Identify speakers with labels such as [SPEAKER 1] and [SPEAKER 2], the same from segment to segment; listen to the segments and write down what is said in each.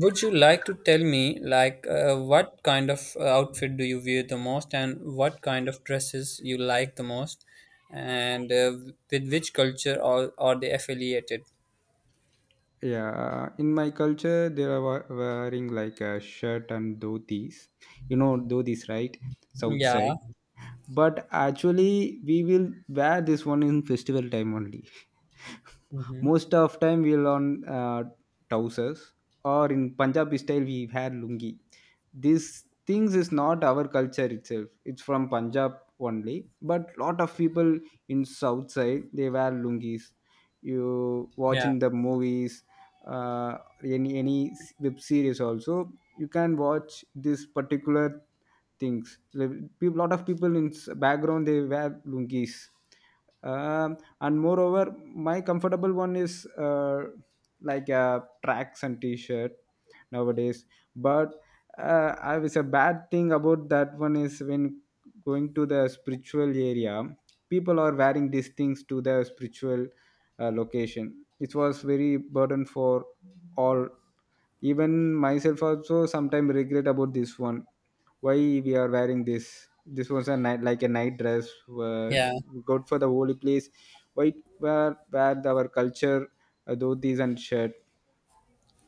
[SPEAKER 1] Would you like to tell me, like, what kind of outfit do you wear the most, and what kind of dresses you like the most, and with which culture are they affiliated?
[SPEAKER 2] Yeah, in my culture, they are wearing like a shirt and dhotis. You know, dhotis, right? South
[SPEAKER 1] Yeah,
[SPEAKER 2] side. But actually, we will wear this one in festival time only.
[SPEAKER 1] hmm,
[SPEAKER 2] Most of time we'll on trousers, or in punjabi style we had lungi. These things is not our culture itself, it's from punjab only, but lot of people in south side they wear lungis. You watch
[SPEAKER 1] yeah,
[SPEAKER 2] in the movies, uh, any web series also, you can watch this particular things. Like, peop lot of people in background they wear lungis. And moreover, my comfortable one is like tracks and t-shirt nowadays. But I was a bad thing about that one is, when going to the spiritual area, people are wearing these things to the spiritual location. It was very burden for all. Even myself also sometimes regret about this one. Why we are wearing this? This was a night, like a night dress, uh,
[SPEAKER 1] yeah.
[SPEAKER 2] good for the holy place? Why wear our culture, dhotis and shirt?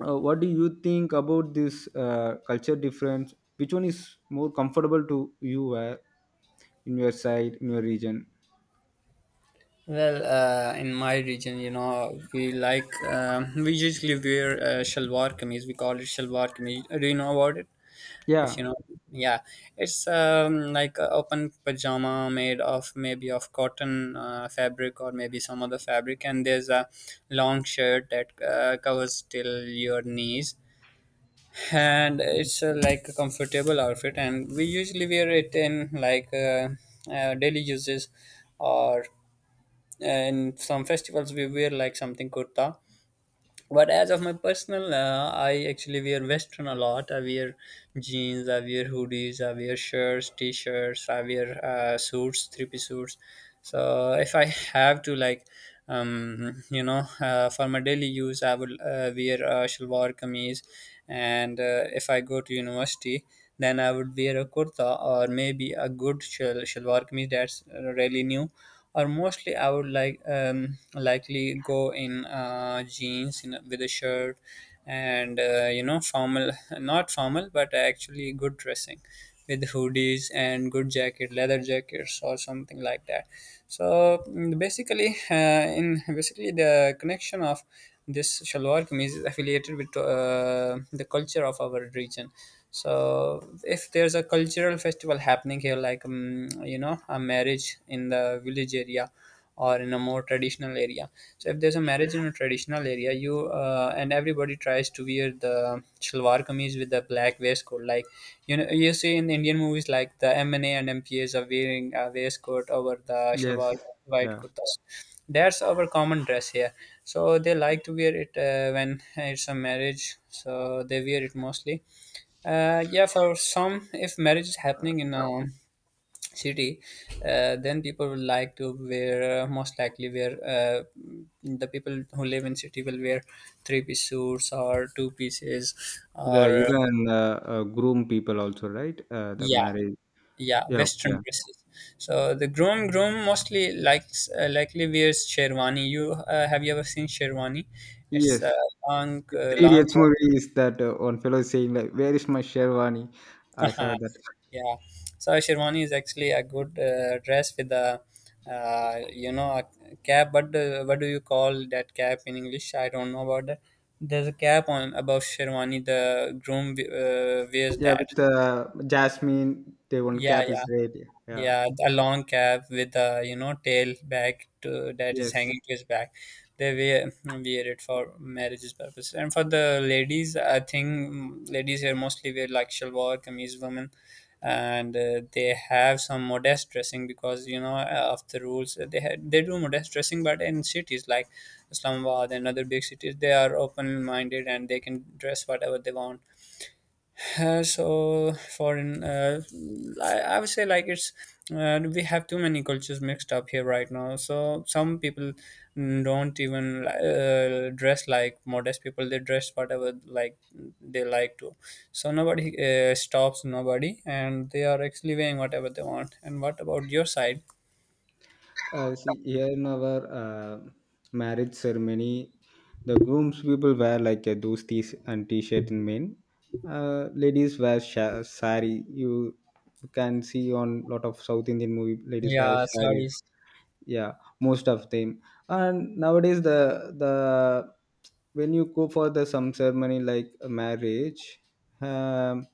[SPEAKER 2] What do you think about this culture difference? Which one is more comfortable to you wear in your side, in your region?
[SPEAKER 1] Well, in my region, we usually wear shalwar kameez. We call it shalwar kameez. Do you know about it? if
[SPEAKER 2] Yeah.
[SPEAKER 1] you know Yeah, it's like a open pajama made of maybe of cotton fabric or maybe some other fabric, and there's a long shirt that covers till your knees, and it's like a comfortable outfit, and we usually wear it in like daily uses. Or in some festivals we wear like something kurta. But as of my personal, I actually wear western a lot. I wear jeans, I wear hoodies, I wear shirts, t-shirts, I wear suits, three-piece suits. So if I have to like, for my daily use, I will wear a shalwar kameez. And if I go to university, then I would wear a kurta or maybe a good shalwar kameez that's really new. Or mostly, I would like likely go in jeans in, with a shirt, and formal, not formal, but actually good dressing, with hoodies and good jacket, leather jackets or something like that. So basically, in basically the connection of this shalwar kameez is affiliated with the culture of our region. So if there's a cultural festival happening here, like a marriage in the village area or in a more traditional area, so if there's a marriage in a traditional area, you and everybody tries to wear the shalwar kameez with the black waistcoat, like you see in Indian movies, like the MNA and MPAs are wearing a waistcoat over the
[SPEAKER 2] Yes.
[SPEAKER 1] shalwar, white
[SPEAKER 2] Yeah,
[SPEAKER 1] kurtas. That's our common dress here. So they like to wear it when it's a marriage, so they wear it mostly. Yeah, for some, if marriage is happening in a city, then people will like to wear, most likely wear, the people who live in city will wear three-piece suits or two pieces.
[SPEAKER 2] the
[SPEAKER 1] Or
[SPEAKER 2] even groom people also, right, the
[SPEAKER 1] yeah,
[SPEAKER 2] marriage?
[SPEAKER 1] yeah,
[SPEAKER 2] Yeah.
[SPEAKER 1] western
[SPEAKER 2] Yeah.
[SPEAKER 1] dresses. So the groom mostly likes, likely wears sherwani. You Have you ever seen sherwani? It's a
[SPEAKER 2] Yes. The Three
[SPEAKER 1] long
[SPEAKER 2] Idiots movie is that one fellow saying like, "Where is my Sherwani?" I saw that.
[SPEAKER 1] yeah, so sherwani is actually a good dress with a, uh, a cap. But what do you call that cap in English? I don't know about that. There's a cap on above sherwani, the groom wears
[SPEAKER 2] Yeah,
[SPEAKER 1] that.
[SPEAKER 2] with Jasmine, they one
[SPEAKER 1] Yeah,
[SPEAKER 2] cap
[SPEAKER 1] yeah,
[SPEAKER 2] is red. Yeah.
[SPEAKER 1] yeah, a long cap with a, tail back to that is
[SPEAKER 2] Yes.
[SPEAKER 1] hanging to his back. They wear it for marriages purpose. And for the ladies, I think, ladies here mostly wear like shalwar kameez, women, and they have some modest dressing because of the rules they had, they do modest dressing. But in cities like Islamabad and other big cities, they are open minded and they can dress whatever they want. So foreign, I would say like it's we have too many cultures mixed up here right now. So some people don't even dress like modest people. They dress whatever like they like to. So nobody stops nobody, and they are actually wearing whatever they want. And what about your side?
[SPEAKER 2] See, here in our uh, marriage ceremony, the groom's people wear like a dhustis and t-shirt in men. Ladies wear sari. You can see on lot of South Indian movie, ladies wear
[SPEAKER 1] Yeah,
[SPEAKER 2] saris.
[SPEAKER 1] sarees.
[SPEAKER 2] Yeah, most of them. And nowadays, the when you go for the some ceremony like a marriage, um,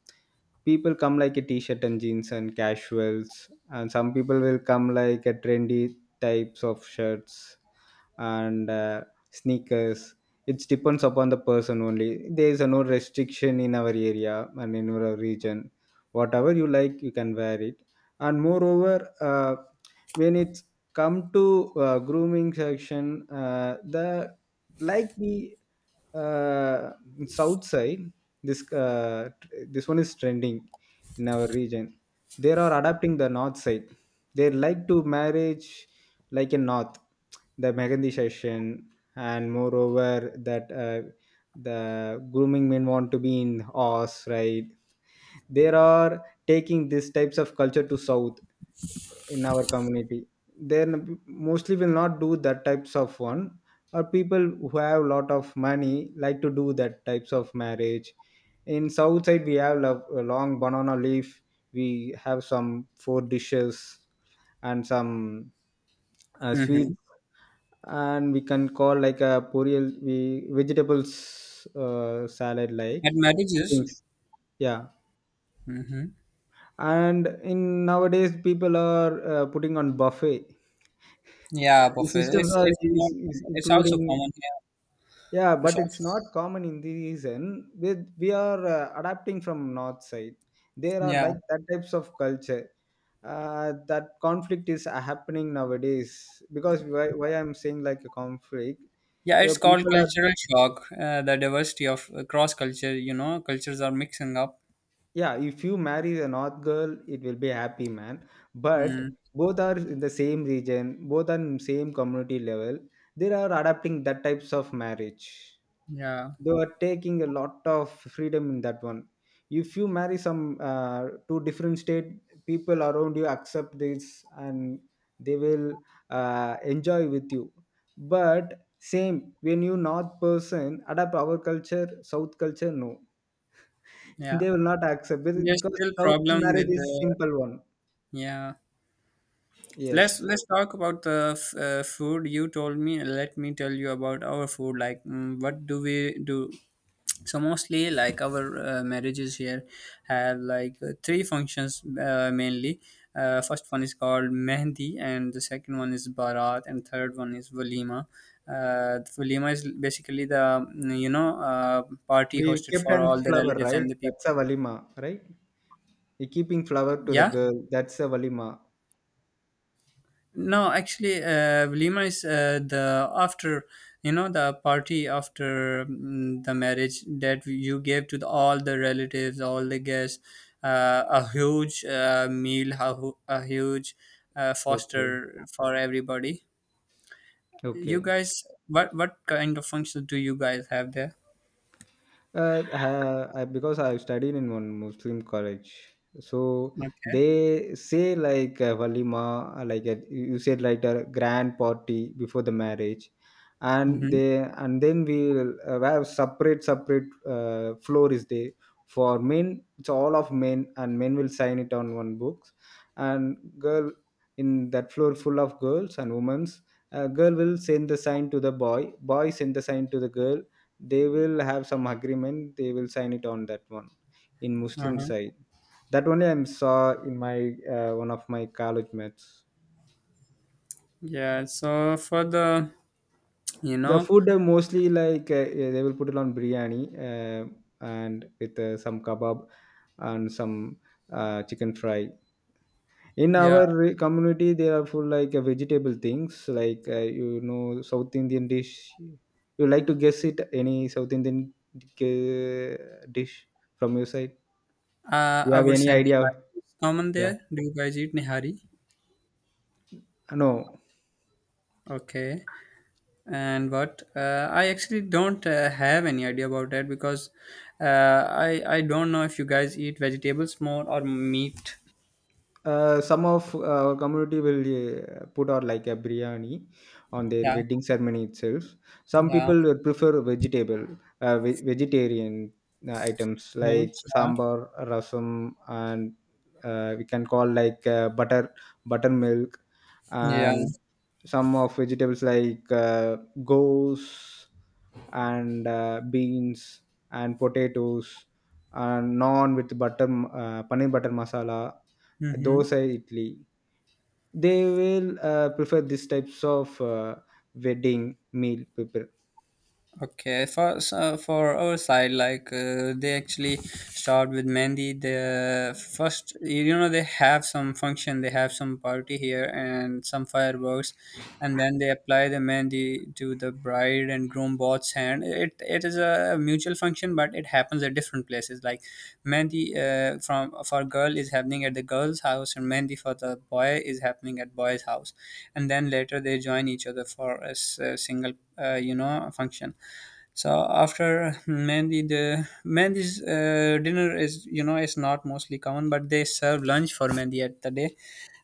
[SPEAKER 2] people come like a t-shirt and jeans and casuals, and some people will come like a trendy types of shirts and sneakers. It depends upon the person only. There is a no restriction in our area and in our region. Whatever you like, you can wear it. And moreover when it's come to grooming section, the like the uh, south side, this this one is trending in our region. They are adapting the north side. They like to marriage like in north, the Mehndi session. And moreover that the grooming men want to be in horse, right? They are taking these types of culture to south. In our community, they mostly will not do that types of one, or people who have a lot of money like to do that types of marriage. In south side we have a long banana leaf. We have some four dishes and some sweets.
[SPEAKER 1] Mm-hmm.
[SPEAKER 2] And we can call like a poriel, we vegetables, salad like
[SPEAKER 1] At marriages.
[SPEAKER 2] things. Yeah.
[SPEAKER 1] Mm-hmm.
[SPEAKER 2] And in nowadays people are putting on buffet.
[SPEAKER 1] Yeah,
[SPEAKER 2] The
[SPEAKER 1] buffet.
[SPEAKER 2] systems
[SPEAKER 1] It's
[SPEAKER 2] are
[SPEAKER 1] it's not.
[SPEAKER 2] is
[SPEAKER 1] It's also
[SPEAKER 2] including.
[SPEAKER 1] common here.
[SPEAKER 2] Yeah,
[SPEAKER 1] It's
[SPEAKER 2] but
[SPEAKER 1] also,
[SPEAKER 2] it's not common in the region. We are adapting from north side. There are
[SPEAKER 1] yeah.
[SPEAKER 2] like that types of culture. Uh, that conflict is happening nowadays. Because why I'm saying like a conflict,
[SPEAKER 1] Yeah,
[SPEAKER 2] you know,
[SPEAKER 1] it's called
[SPEAKER 2] people are...
[SPEAKER 1] cultural shock. The diversity of cross culture, cultures are mixing up.
[SPEAKER 2] Yeah, if you marry a north girl, it will be happy man. But
[SPEAKER 1] Mm,
[SPEAKER 2] both are in the same region, both are in same community level, they are adapting that types of marriage.
[SPEAKER 1] yeah,
[SPEAKER 2] They are taking a lot of freedom in that one. If you marry some uh, two different state, people around you accept this and they will enjoy with you. But same when you north person adapt our culture, south culture, no,
[SPEAKER 1] yeah.
[SPEAKER 2] they will not accept it,
[SPEAKER 1] There's
[SPEAKER 2] because
[SPEAKER 1] still
[SPEAKER 2] south
[SPEAKER 1] problem
[SPEAKER 2] marriage
[SPEAKER 1] with
[SPEAKER 2] is
[SPEAKER 1] the,
[SPEAKER 2] simple one.
[SPEAKER 1] yeah. Let's
[SPEAKER 2] Yes.
[SPEAKER 1] let's talk about the food you told me. Let me tell you about our food. Like, what do we do? So mostly, like our marriages here have like three functions mainly. First one is called mehndi, and the second one is barat, and third one is walima. Walima is basically the, party
[SPEAKER 2] We
[SPEAKER 1] hosted
[SPEAKER 2] kept
[SPEAKER 1] for
[SPEAKER 2] an
[SPEAKER 1] all the
[SPEAKER 2] flower,
[SPEAKER 1] relatives and
[SPEAKER 2] right,
[SPEAKER 1] the people.
[SPEAKER 2] that's a valima, right? We keeping flower to the
[SPEAKER 1] Yeah.
[SPEAKER 2] girl, that's a valima.
[SPEAKER 1] No, actually, Walima is the after, the party after, the marriage that you gave to all the relatives, all the guests, a huge meal, a huge
[SPEAKER 2] Okay.
[SPEAKER 1] foster for everybody. You
[SPEAKER 2] Okay.
[SPEAKER 1] guys, what kind of functions do you guys have there?
[SPEAKER 2] I, because I studied in one Muslim college, so
[SPEAKER 1] Okay.
[SPEAKER 2] they say like walima, like you you said like a grand party before the marriage, and
[SPEAKER 1] Mm-hmm.
[SPEAKER 2] they, and then we'll have separate floor is there for men. It's all of men, and men will sign it on one books. And girl, in that floor full of girls and women's. Girl will send the sign to the boy, boy send the sign to the girl, they will have some agreement, they will sign it on that one, in muslim
[SPEAKER 1] Uh-huh.
[SPEAKER 2] side. That only I saw in my one of my college mates.
[SPEAKER 1] Yeah. So for the, you
[SPEAKER 2] The
[SPEAKER 1] know,
[SPEAKER 2] food mostly like yeah, they will put it on biryani, uh, and with some kebab and some chicken fry. In
[SPEAKER 1] yeah,
[SPEAKER 2] our community they are full like vegetable things, like you know south indian dish. You like to guess it any south indian dish from your side? You
[SPEAKER 1] I
[SPEAKER 2] have
[SPEAKER 1] would
[SPEAKER 2] any
[SPEAKER 1] say
[SPEAKER 2] idea?
[SPEAKER 1] nihari is common there.
[SPEAKER 2] Yeah.
[SPEAKER 1] Do you guys eat nihari?
[SPEAKER 2] No.
[SPEAKER 1] Okay. And what I actually don't have any idea about that, because I don't know if you guys eat vegetables more or meat.
[SPEAKER 2] Some of our community will put out like a biryani on their
[SPEAKER 1] Yeah,
[SPEAKER 2] wedding ceremony itself. Some
[SPEAKER 1] yeah,
[SPEAKER 2] people will prefer vegetable, vegetarian items like
[SPEAKER 1] foods,
[SPEAKER 2] sambar, rasam, and we can call like butter, buttermilk,
[SPEAKER 1] yeah.
[SPEAKER 2] and some of vegetables like goose and beans and potatoes and naan with butter, paneer butter masala,
[SPEAKER 1] Mm-hmm.
[SPEAKER 2] dosa, idli. They will prefer these types of wedding meal prepare.
[SPEAKER 1] Okay, for so for our side, like they actually start with Mandy. The first, you know, they have some function, they have some party here and some fireworks, and then they apply the Mandy to the bride and groom both's hand. It is a mutual function, but it happens at different places. Like Mandy from for girl is happening at the girl's house, and Mandy for the boy is happening at boy's house, and then later they join each other for a a single, function. So after Mehndi, the Mehendi's dinner is you know is not mostly common, but they serve lunch for Mehndi at the day,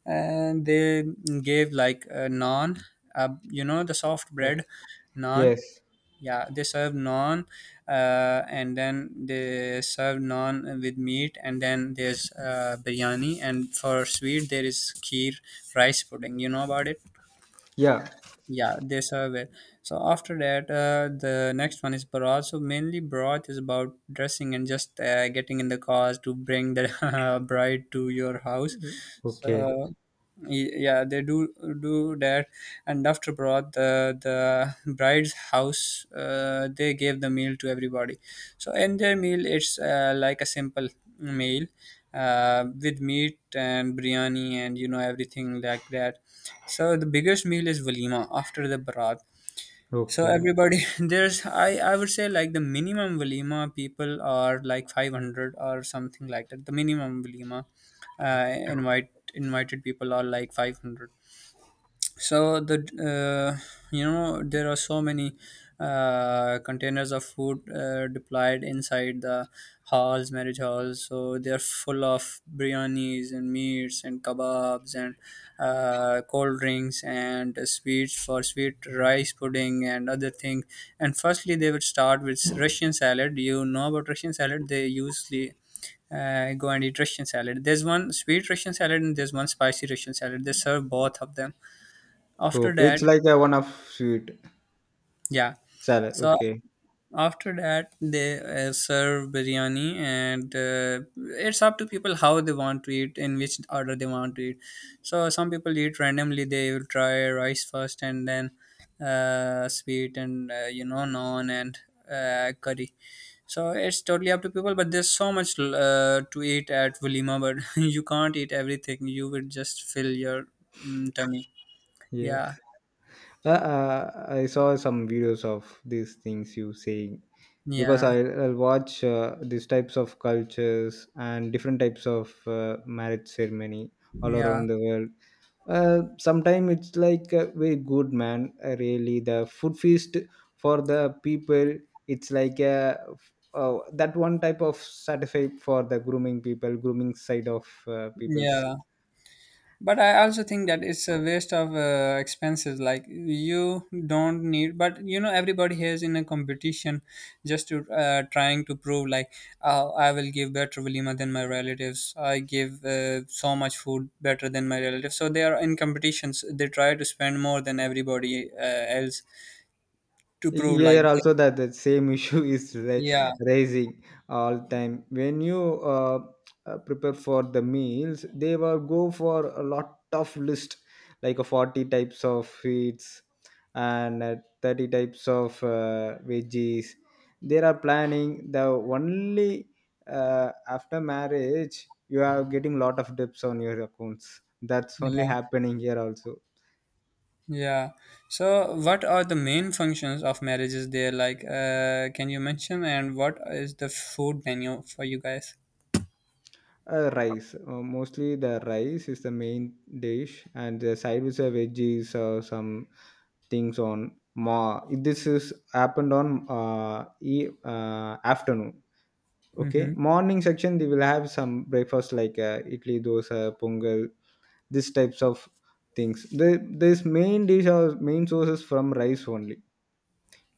[SPEAKER 1] and they gave like a naan, you know, the soft bread,
[SPEAKER 2] Okay.
[SPEAKER 1] naan.
[SPEAKER 2] Yes.
[SPEAKER 1] Yeah, they serve naan, and then they serve naan with meat, and then there's biryani, and for sweet there is kheer, rice pudding. You know about it?
[SPEAKER 2] Yeah.
[SPEAKER 1] Yeah, they serve it. So after that, the next one is broth. So mainly broth is about dressing and just getting in the cars to bring the bride to your house.
[SPEAKER 2] Okay.
[SPEAKER 1] So y- yeah, they do that. And after broth, the bride's house, they gave the meal to everybody. So in their meal, it's like a simple meal, with meat and biryani and you know everything like that. So the biggest meal is walima after the barat. So
[SPEAKER 2] Okay.
[SPEAKER 1] everybody, there's I would say like the minimum walima people are like 500 or something like that. The minimum walima invited people are like 500. So the, uh, there are so many containers of food deployed inside the halls, marriage halls. So they are full of biryanis and meats and kebabs and cold drinks and sweets, for sweet rice pudding and other things. And firstly they would start with russian salad, you know about russian salad? They usually go and eat Russian salad. There's one sweet Russian salad and there's one spicy Russian salad. They serve both of them. After
[SPEAKER 2] Okay,
[SPEAKER 1] that,
[SPEAKER 2] it's like a one of sweet
[SPEAKER 1] yeah.
[SPEAKER 2] salad.
[SPEAKER 1] So
[SPEAKER 2] Okay.
[SPEAKER 1] after that, they serve biryani, and it's up to people how they want to eat, in which order they want to eat. So some people eat randomly; they will try rice first, and then sweet, and naan and curry. So it's totally up to people, but there's so much to eat at Walima, but you can't eat everything. You would just fill your, tummy.
[SPEAKER 2] Yes.
[SPEAKER 1] Yeah,
[SPEAKER 2] I saw some videos of these things you saying, because
[SPEAKER 1] yeah,
[SPEAKER 2] I'll watch these types of cultures and different types of marriage ceremony all
[SPEAKER 1] yeah,
[SPEAKER 2] around the world. Sometimes it's like very good, man. Really, the food feast for the people. It's like a that one type of satisfied for the grooming people, grooming side of people.
[SPEAKER 1] yeah. But I also think that it's a waste of expenses. Like, you don't need, but everybody is in a competition, just to trying to prove like, I will give better walima than my relatives. I give so much food better than my relatives. So they are in competitions, they try to spend more than everybody else to prove like,
[SPEAKER 2] Here also that the same issue is
[SPEAKER 1] yeah,
[SPEAKER 2] raising all time. When you prepare for the meals, they will go for a lot of list, like a 40 types of sweets and 30 types of veggies. They are planning the only after marriage you are getting lot of dips on your accounts. That's only
[SPEAKER 1] yeah.
[SPEAKER 2] happening here also.
[SPEAKER 1] Yeah. So, what are the main functions of marriages there? Like, can you mention, and what is the food menu for you guys?
[SPEAKER 2] Rice. Mostly the rice is the main dish, and the side with the veggies or some things on. Ma, this is happened on afternoon. Okay,
[SPEAKER 1] Mm-hmm.
[SPEAKER 2] morning section they will have some breakfast like idli, dosa, pongal, these types of things. The This main dish or main source is from rice only.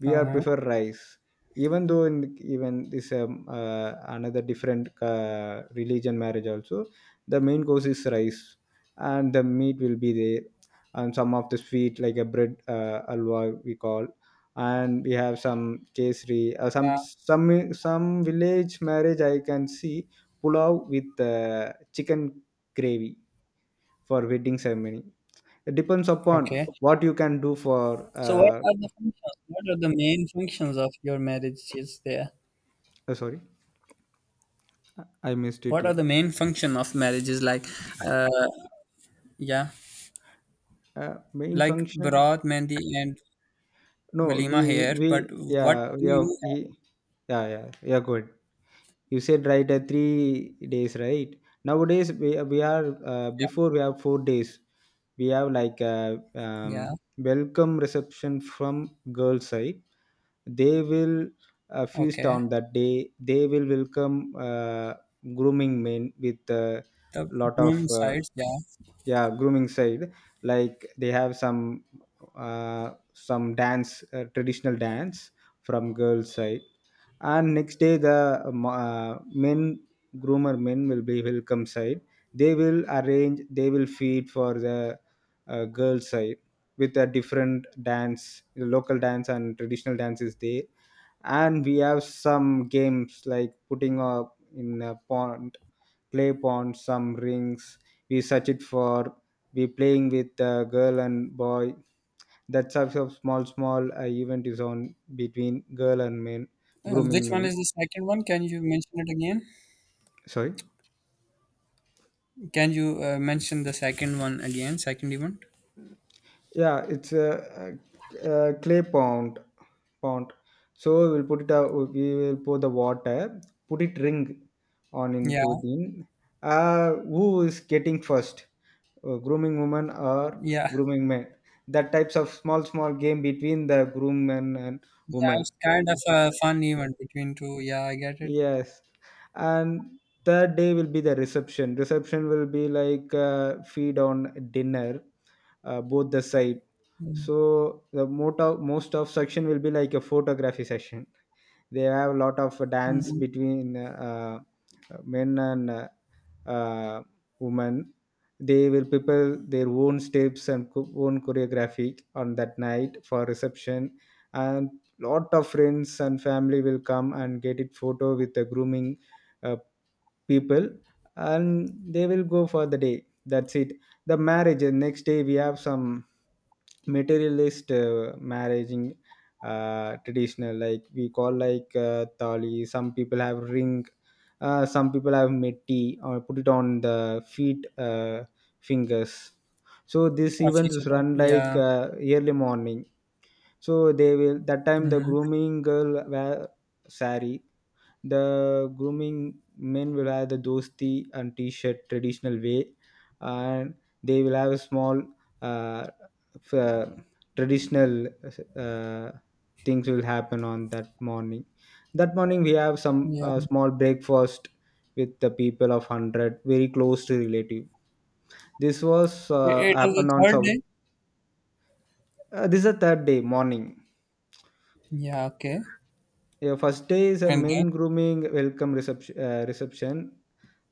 [SPEAKER 2] We are
[SPEAKER 1] Uh-huh.
[SPEAKER 2] prefer rice, even though in even this another different religion marriage also, the main course is rice, and the meat will be there, and some of the sweet like a bread alwa, we call. And we have some kesri, some
[SPEAKER 1] Yeah.
[SPEAKER 2] some. Some village marriage I can see pulao with chicken gravy for wedding ceremony. It depends upon
[SPEAKER 1] Okay.
[SPEAKER 2] what you can do for...
[SPEAKER 1] So, what
[SPEAKER 2] Uh,
[SPEAKER 1] are the functions? What are the main functions of your marriages there?
[SPEAKER 2] sorry, I missed it.
[SPEAKER 1] What are
[SPEAKER 2] Yeah.
[SPEAKER 1] the main function of marriages? Like, uh, yeah,
[SPEAKER 2] Main
[SPEAKER 1] like
[SPEAKER 2] function,
[SPEAKER 1] Bharat, Mehndi, and
[SPEAKER 2] no
[SPEAKER 1] Walima here. But
[SPEAKER 2] yeah
[SPEAKER 1] what
[SPEAKER 2] we
[SPEAKER 1] do
[SPEAKER 2] have
[SPEAKER 1] you have?
[SPEAKER 2] yeah yeah yeah. Good, you said right, 3 days, right? Nowadays we are before, we have 4 days. We have like a
[SPEAKER 1] Yeah.
[SPEAKER 2] welcome reception from girl side. They will feast
[SPEAKER 1] Okay.
[SPEAKER 2] on that day. They will welcome grooming men with a
[SPEAKER 1] The
[SPEAKER 2] lot of
[SPEAKER 1] groom sides. Yeah.
[SPEAKER 2] yeah, grooming side. Like they have some dance, traditional dance from girls side. And next day the men groomer men will be welcome side. They will arrange, they will feed for the girl side with a different dance, the local dance and traditional dance is there. And we have some games like putting up in a pond, clay pond, some rings, we search it for, we playing with the girl and boy. That type of small event is on between girl and men.
[SPEAKER 1] Which
[SPEAKER 2] Grooming
[SPEAKER 1] one
[SPEAKER 2] men,
[SPEAKER 1] is the second one? Can you mention it again?
[SPEAKER 2] sorry.
[SPEAKER 1] Can you mention the second one again? Second event?
[SPEAKER 2] Yeah, it's a clay pond. Pond. So we'll put it out. We will pour the water. Put it ring on
[SPEAKER 1] Yeah,
[SPEAKER 2] into the. Who is getting first? Grooming woman or
[SPEAKER 1] yeah,
[SPEAKER 2] grooming man? That types of small game between the groom and
[SPEAKER 1] yeah.
[SPEAKER 2] woman.
[SPEAKER 1] It's kind of a fun event between two. Yeah, I get it.
[SPEAKER 2] Yes, and third day will be the reception. Reception will be like feed on dinner, both the side. So the most of section will be like a photography session. They have a lot of dance
[SPEAKER 1] Mm-hmm.
[SPEAKER 2] between men and uh, woman. They will prepare their own steps and own choreography on that night for reception, and lot of friends and family will come and get it photo with the grooming uh, people, and they will go for the day. That's it. The marriage, next day we have some materialist marriage in, traditional, like we call like thali. Some people have ring, some people have metti or put it on the feet, fingers. So this
[SPEAKER 1] Of
[SPEAKER 2] event
[SPEAKER 1] each
[SPEAKER 2] is
[SPEAKER 1] other.
[SPEAKER 2] run like
[SPEAKER 1] Yeah.
[SPEAKER 2] early morning. So they will, that time the
[SPEAKER 1] Mm-hmm.
[SPEAKER 2] grooming girl wear sari, the grooming men will have the dosti and t-shirt traditional way, and they will have a small, uh, f- uh, traditional uh, things will happen on that morning. That morning we have some
[SPEAKER 1] Yeah.
[SPEAKER 2] small breakfast with the people of 100 very close to relative. This was
[SPEAKER 1] It is
[SPEAKER 2] happened
[SPEAKER 1] the
[SPEAKER 2] on
[SPEAKER 1] third day.
[SPEAKER 2] This is the third day morning.
[SPEAKER 1] Yeah. Okay.
[SPEAKER 2] Yeah, first day is a
[SPEAKER 1] And then.
[SPEAKER 2] men grooming welcome reception. Reception.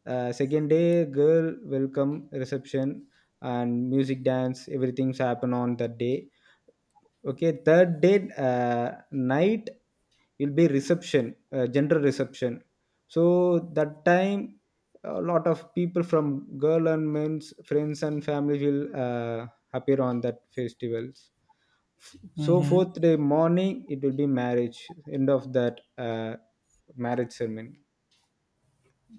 [SPEAKER 2] Second day, girl welcome reception and music dance. Everything's happen on that day. Okay, third day, night will be reception, general reception. So that time, a lot of people from girl and men's friends and family will appear on that festivals. So
[SPEAKER 1] Mm-hmm.
[SPEAKER 2] fourth day morning, it will be marriage. End of that marriage ceremony.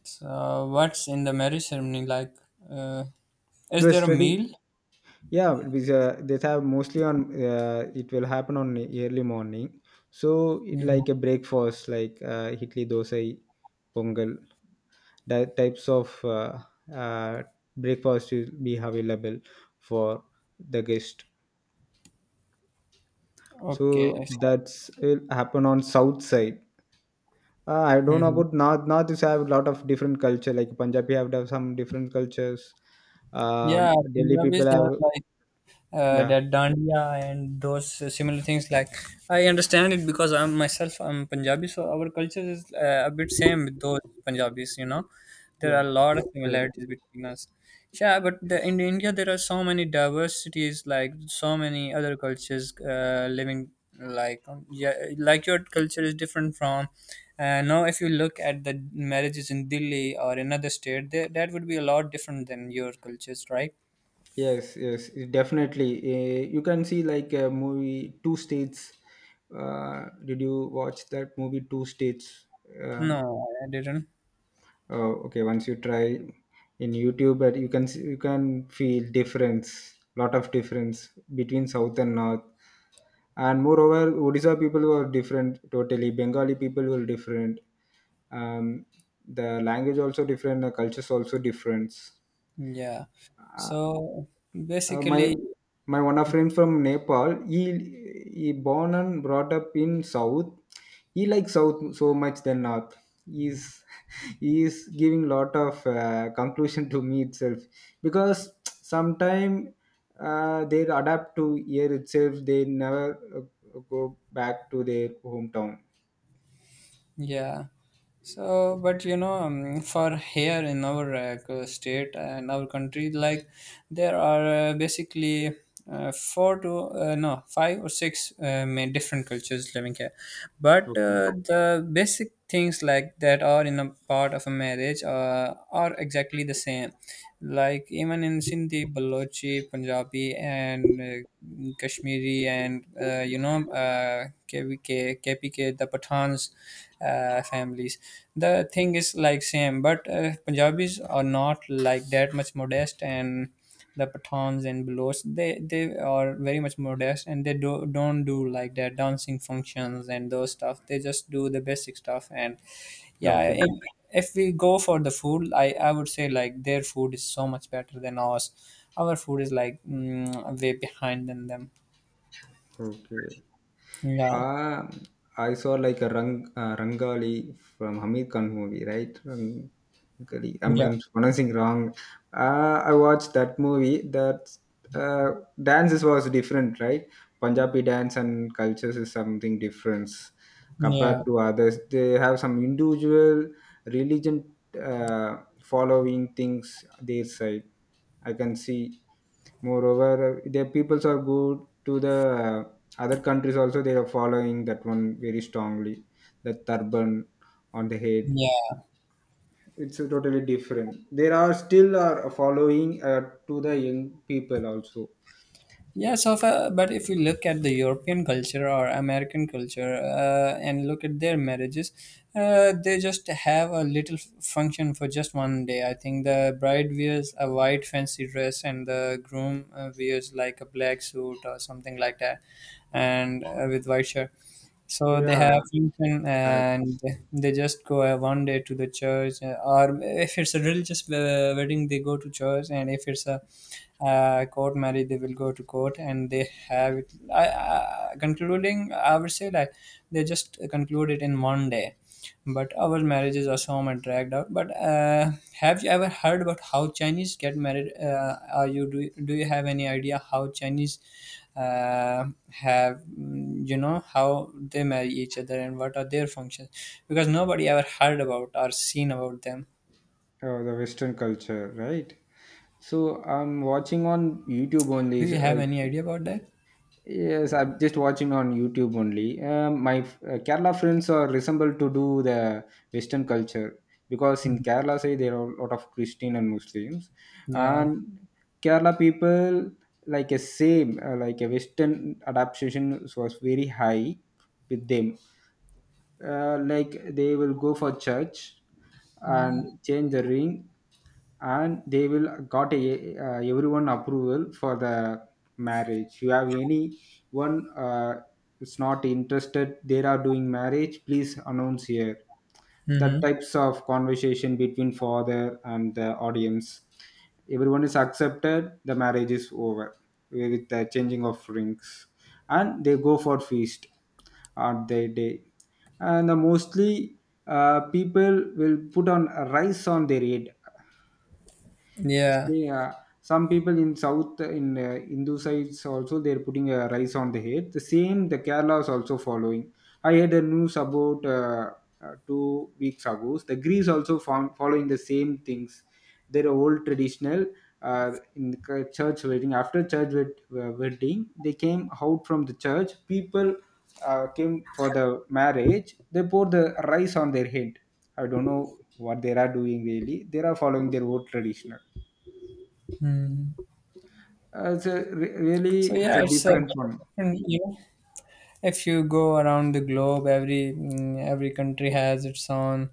[SPEAKER 1] So what's in the marriage ceremony like? Uh, is
[SPEAKER 2] The
[SPEAKER 1] there a
[SPEAKER 2] study,
[SPEAKER 1] meal?
[SPEAKER 2] yeah, it because they have mostly on. It will happen on early morning. So it
[SPEAKER 1] Mm-hmm.
[SPEAKER 2] like a breakfast, like idli, dosa, pongal. That types of uh, breakfast will be available for the guest.
[SPEAKER 1] Okay.
[SPEAKER 2] So that's will happen on south side. I don't know
[SPEAKER 1] Mm-hmm.
[SPEAKER 2] about North. North is have a lot of different culture. Like Punjabi have done some different cultures.
[SPEAKER 1] Yeah,
[SPEAKER 2] Delhi
[SPEAKER 1] Punjabis
[SPEAKER 2] people
[SPEAKER 1] have
[SPEAKER 2] have,
[SPEAKER 1] like
[SPEAKER 2] yeah,
[SPEAKER 1] that dandiya and those similar things like I understand it because I'm myself. I'm Punjabi, so our culture is a bit same with those Punjabis. There are
[SPEAKER 2] yeah.
[SPEAKER 1] a lot of
[SPEAKER 2] Okay.
[SPEAKER 1] similarities between us. Yeah, but in India there are so many diversities, like so many other cultures living, like yeah, like your culture is different from— now if you look at the marriages in Delhi or another state, that would be a lot different than your cultures, right?
[SPEAKER 2] Yes, yes, it definitely. You can see like a movie Two States. Did you watch that movie Two States?
[SPEAKER 1] No,
[SPEAKER 2] Um,
[SPEAKER 1] I didn't.
[SPEAKER 2] oh, okay. Once you try in YouTube, but you can see, you can feel difference, lot of difference between South and North. And moreover Odisha people were different totally, Bengali people were different. um, the language also different, the cultures also different.
[SPEAKER 1] Yeah.
[SPEAKER 2] Uh,
[SPEAKER 1] So
[SPEAKER 2] my
[SPEAKER 1] basically,
[SPEAKER 2] one of friend from Nepal. He born and brought up in South. He likes South so much than North. He's he is giving lot of conclusion to me itself, because sometime they adapt to here itself. They never go back to their hometown.
[SPEAKER 1] yeah. So, but you know, for here in our state and our country, like there are basically four to no, five or six different cultures living here. But the basic things like that are in a part of a marriage. Or are exactly the same. Like even in Sindhi, Balochi, Punjabi, and Kashmiri, and KVK, KPK, the Pathans families. The thing is like same, but Punjabis are not like that much modest, and the Pathans and Baloch, they are very much modest, and don't do like their dancing functions and those stuff. They just do the basic stuff. And yeah,
[SPEAKER 2] Okay,
[SPEAKER 1] if we go for the food, I would say like their food is so much better than ours. Our food is like way behind than them.
[SPEAKER 2] okay.
[SPEAKER 1] Yeah,
[SPEAKER 2] Uh, I saw like a Rangali from Hamid Khan movie, right? Rangali.
[SPEAKER 1] yeah,
[SPEAKER 2] I'm pronouncing wrong. I watched that movie. That dances was different, right? Punjabi dance and cultures is something different
[SPEAKER 1] yeah,
[SPEAKER 2] compared to others. They have some individual religion following things their side. I can see. Moreover, their peoples are good to the other countries also, they are following that one very strongly, the turban on the head.
[SPEAKER 1] yeah.
[SPEAKER 2] It's totally different. There are still are following to the young people also.
[SPEAKER 1] Yeah, so if— but if you look at the European culture or American culture, and look at their marriages, they just have a little function for just one day. I think the bride wears a white fancy dress, and the groom wears like a black suit or something like that, and with white shirt. So they have
[SPEAKER 2] Yeah,
[SPEAKER 1] function,
[SPEAKER 2] correct.
[SPEAKER 1] and they just go one day to the church, or if it's a religious wedding, they go to church, and if it's a court marriage, they will go to court, and they have it. Concluding, I would say like they just conclude it in one day, but our marriages are so much dragged out. But have you ever heard about how Chinese get married? Are you— do you have any idea how Chinese uh, you know, how they marry each other and what are their functions? Because nobody ever heard about or seen about them.
[SPEAKER 2] The western culture, right? So I'm watching on YouTube
[SPEAKER 1] Do
[SPEAKER 2] only,
[SPEAKER 1] you have
[SPEAKER 2] like,
[SPEAKER 1] any idea about that?
[SPEAKER 2] yes, I'm just watching on YouTube only. My Kerala friends are resemble to do the Western culture, because in
[SPEAKER 1] Mm.
[SPEAKER 2] Kerala, say there are a lot of Christian and Muslims,
[SPEAKER 1] Yeah.
[SPEAKER 2] and Kerala people like a same, like a Western adaptation was very high with them. Like they will go for church and change the ring, and they will got a, everyone approval for the marriage. You have any one is not interested they are doing marriage, please announce here. The
[SPEAKER 1] Hmm.
[SPEAKER 2] types of conversation between father and the audience. Everyone is accepted, the marriage is over with the changing of rings, and they go for feast on their day. And mostly people will put on rice on their head.
[SPEAKER 1] Yeah.
[SPEAKER 2] See, some people in south in Hindu sides also they're putting rice on the head. The same the Kerala is also following. I had a news about 2 weeks ago. The Greece also following the same things. Their old traditional in the church wedding. After wedding, they came out from the church. People came for the marriage. They pour the rice on their head. I don't know what they are doing really. They are following their old traditional.
[SPEAKER 1] Mm.
[SPEAKER 2] It's a,
[SPEAKER 1] So
[SPEAKER 2] really, it's
[SPEAKER 1] yeah,
[SPEAKER 2] a
[SPEAKER 1] it's a bit
[SPEAKER 2] different from
[SPEAKER 1] different, you know. If you go around the globe, every country has its own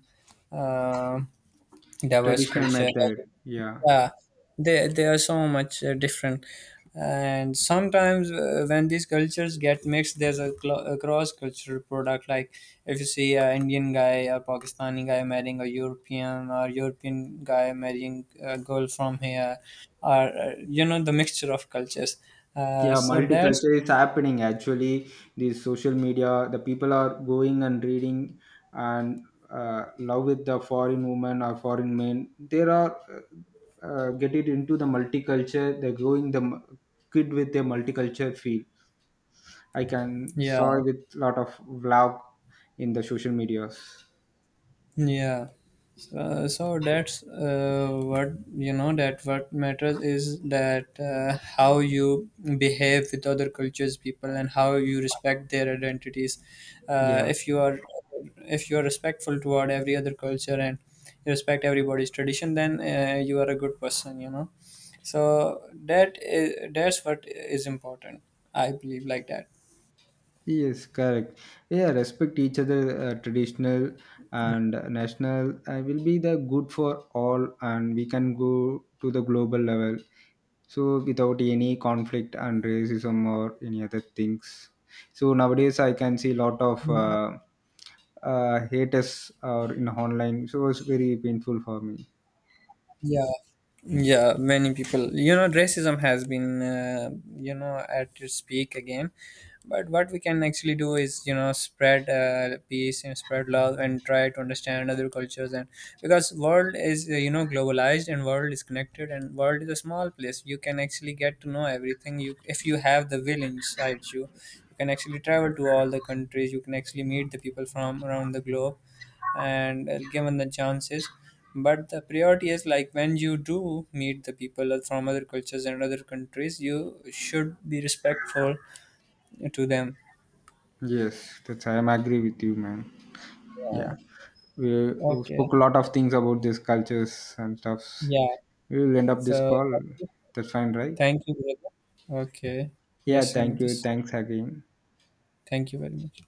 [SPEAKER 1] uh, diverse
[SPEAKER 2] traditional
[SPEAKER 1] culture.
[SPEAKER 2] method. Yeah.
[SPEAKER 1] Yeah, they are so much different. And sometimes when these cultures get mixed, there's a a cross-cultural product. Like if you see an Indian guy or Pakistani guy marrying a European, or European guy marrying a girl from here, or you know, the mixture of cultures,
[SPEAKER 2] Yeah,
[SPEAKER 1] so that's—
[SPEAKER 2] multicultural is happening actually. The social media, the people are going and reading, and love with the foreign women or foreign men. There are get it into the multicultural. They're growing the kid with their multicultural field. I can
[SPEAKER 1] yeah.
[SPEAKER 2] saw with lot of vlog in the social medias.
[SPEAKER 1] Yeah. So, so that's what, you know, that what matters is that how you behave with other cultures people and how you respect their identities.
[SPEAKER 2] Yeah.
[SPEAKER 1] If you are— if you are respectful toward every other culture, and you respect everybody's tradition, then you are a good person. So that is— that's what is important. I believe like that.
[SPEAKER 2] Yes, correct. Yeah, respect each other. Traditional and national will be the good for all, and we can go to the global level. So without any conflict and racism or any other things. So nowadays, I can see a lot of haters or in online. So it's very painful for me.
[SPEAKER 1] Yeah. Yeah, many people. You know, racism has been, you know, at its peak again. But what we can actually do is, you know, spread peace and spread love and try to understand other cultures. And because world is, you know, globalized, and world is connected, and world is a small place. You can actually get to know everything. You, if you have the will inside you, you can actually travel to all the countries. You can actually meet the people from around the globe, and given the chances. But the priority is like when you do meet the people from other cultures and other countries, you should be respectful to them.
[SPEAKER 2] Yes, that's I am agree with you, man. Yeah,
[SPEAKER 1] Yeah.
[SPEAKER 2] we
[SPEAKER 1] Okay.
[SPEAKER 2] spoke a lot of things about these cultures and stuff.
[SPEAKER 1] Yeah.
[SPEAKER 2] We will end up this
[SPEAKER 1] So
[SPEAKER 2] call. That's fine, right?
[SPEAKER 1] thank you, brother. Okay,
[SPEAKER 2] Yeah,
[SPEAKER 1] let's
[SPEAKER 2] thank
[SPEAKER 1] end
[SPEAKER 2] you.
[SPEAKER 1] this.
[SPEAKER 2] Thanks again.
[SPEAKER 1] Thank you very much.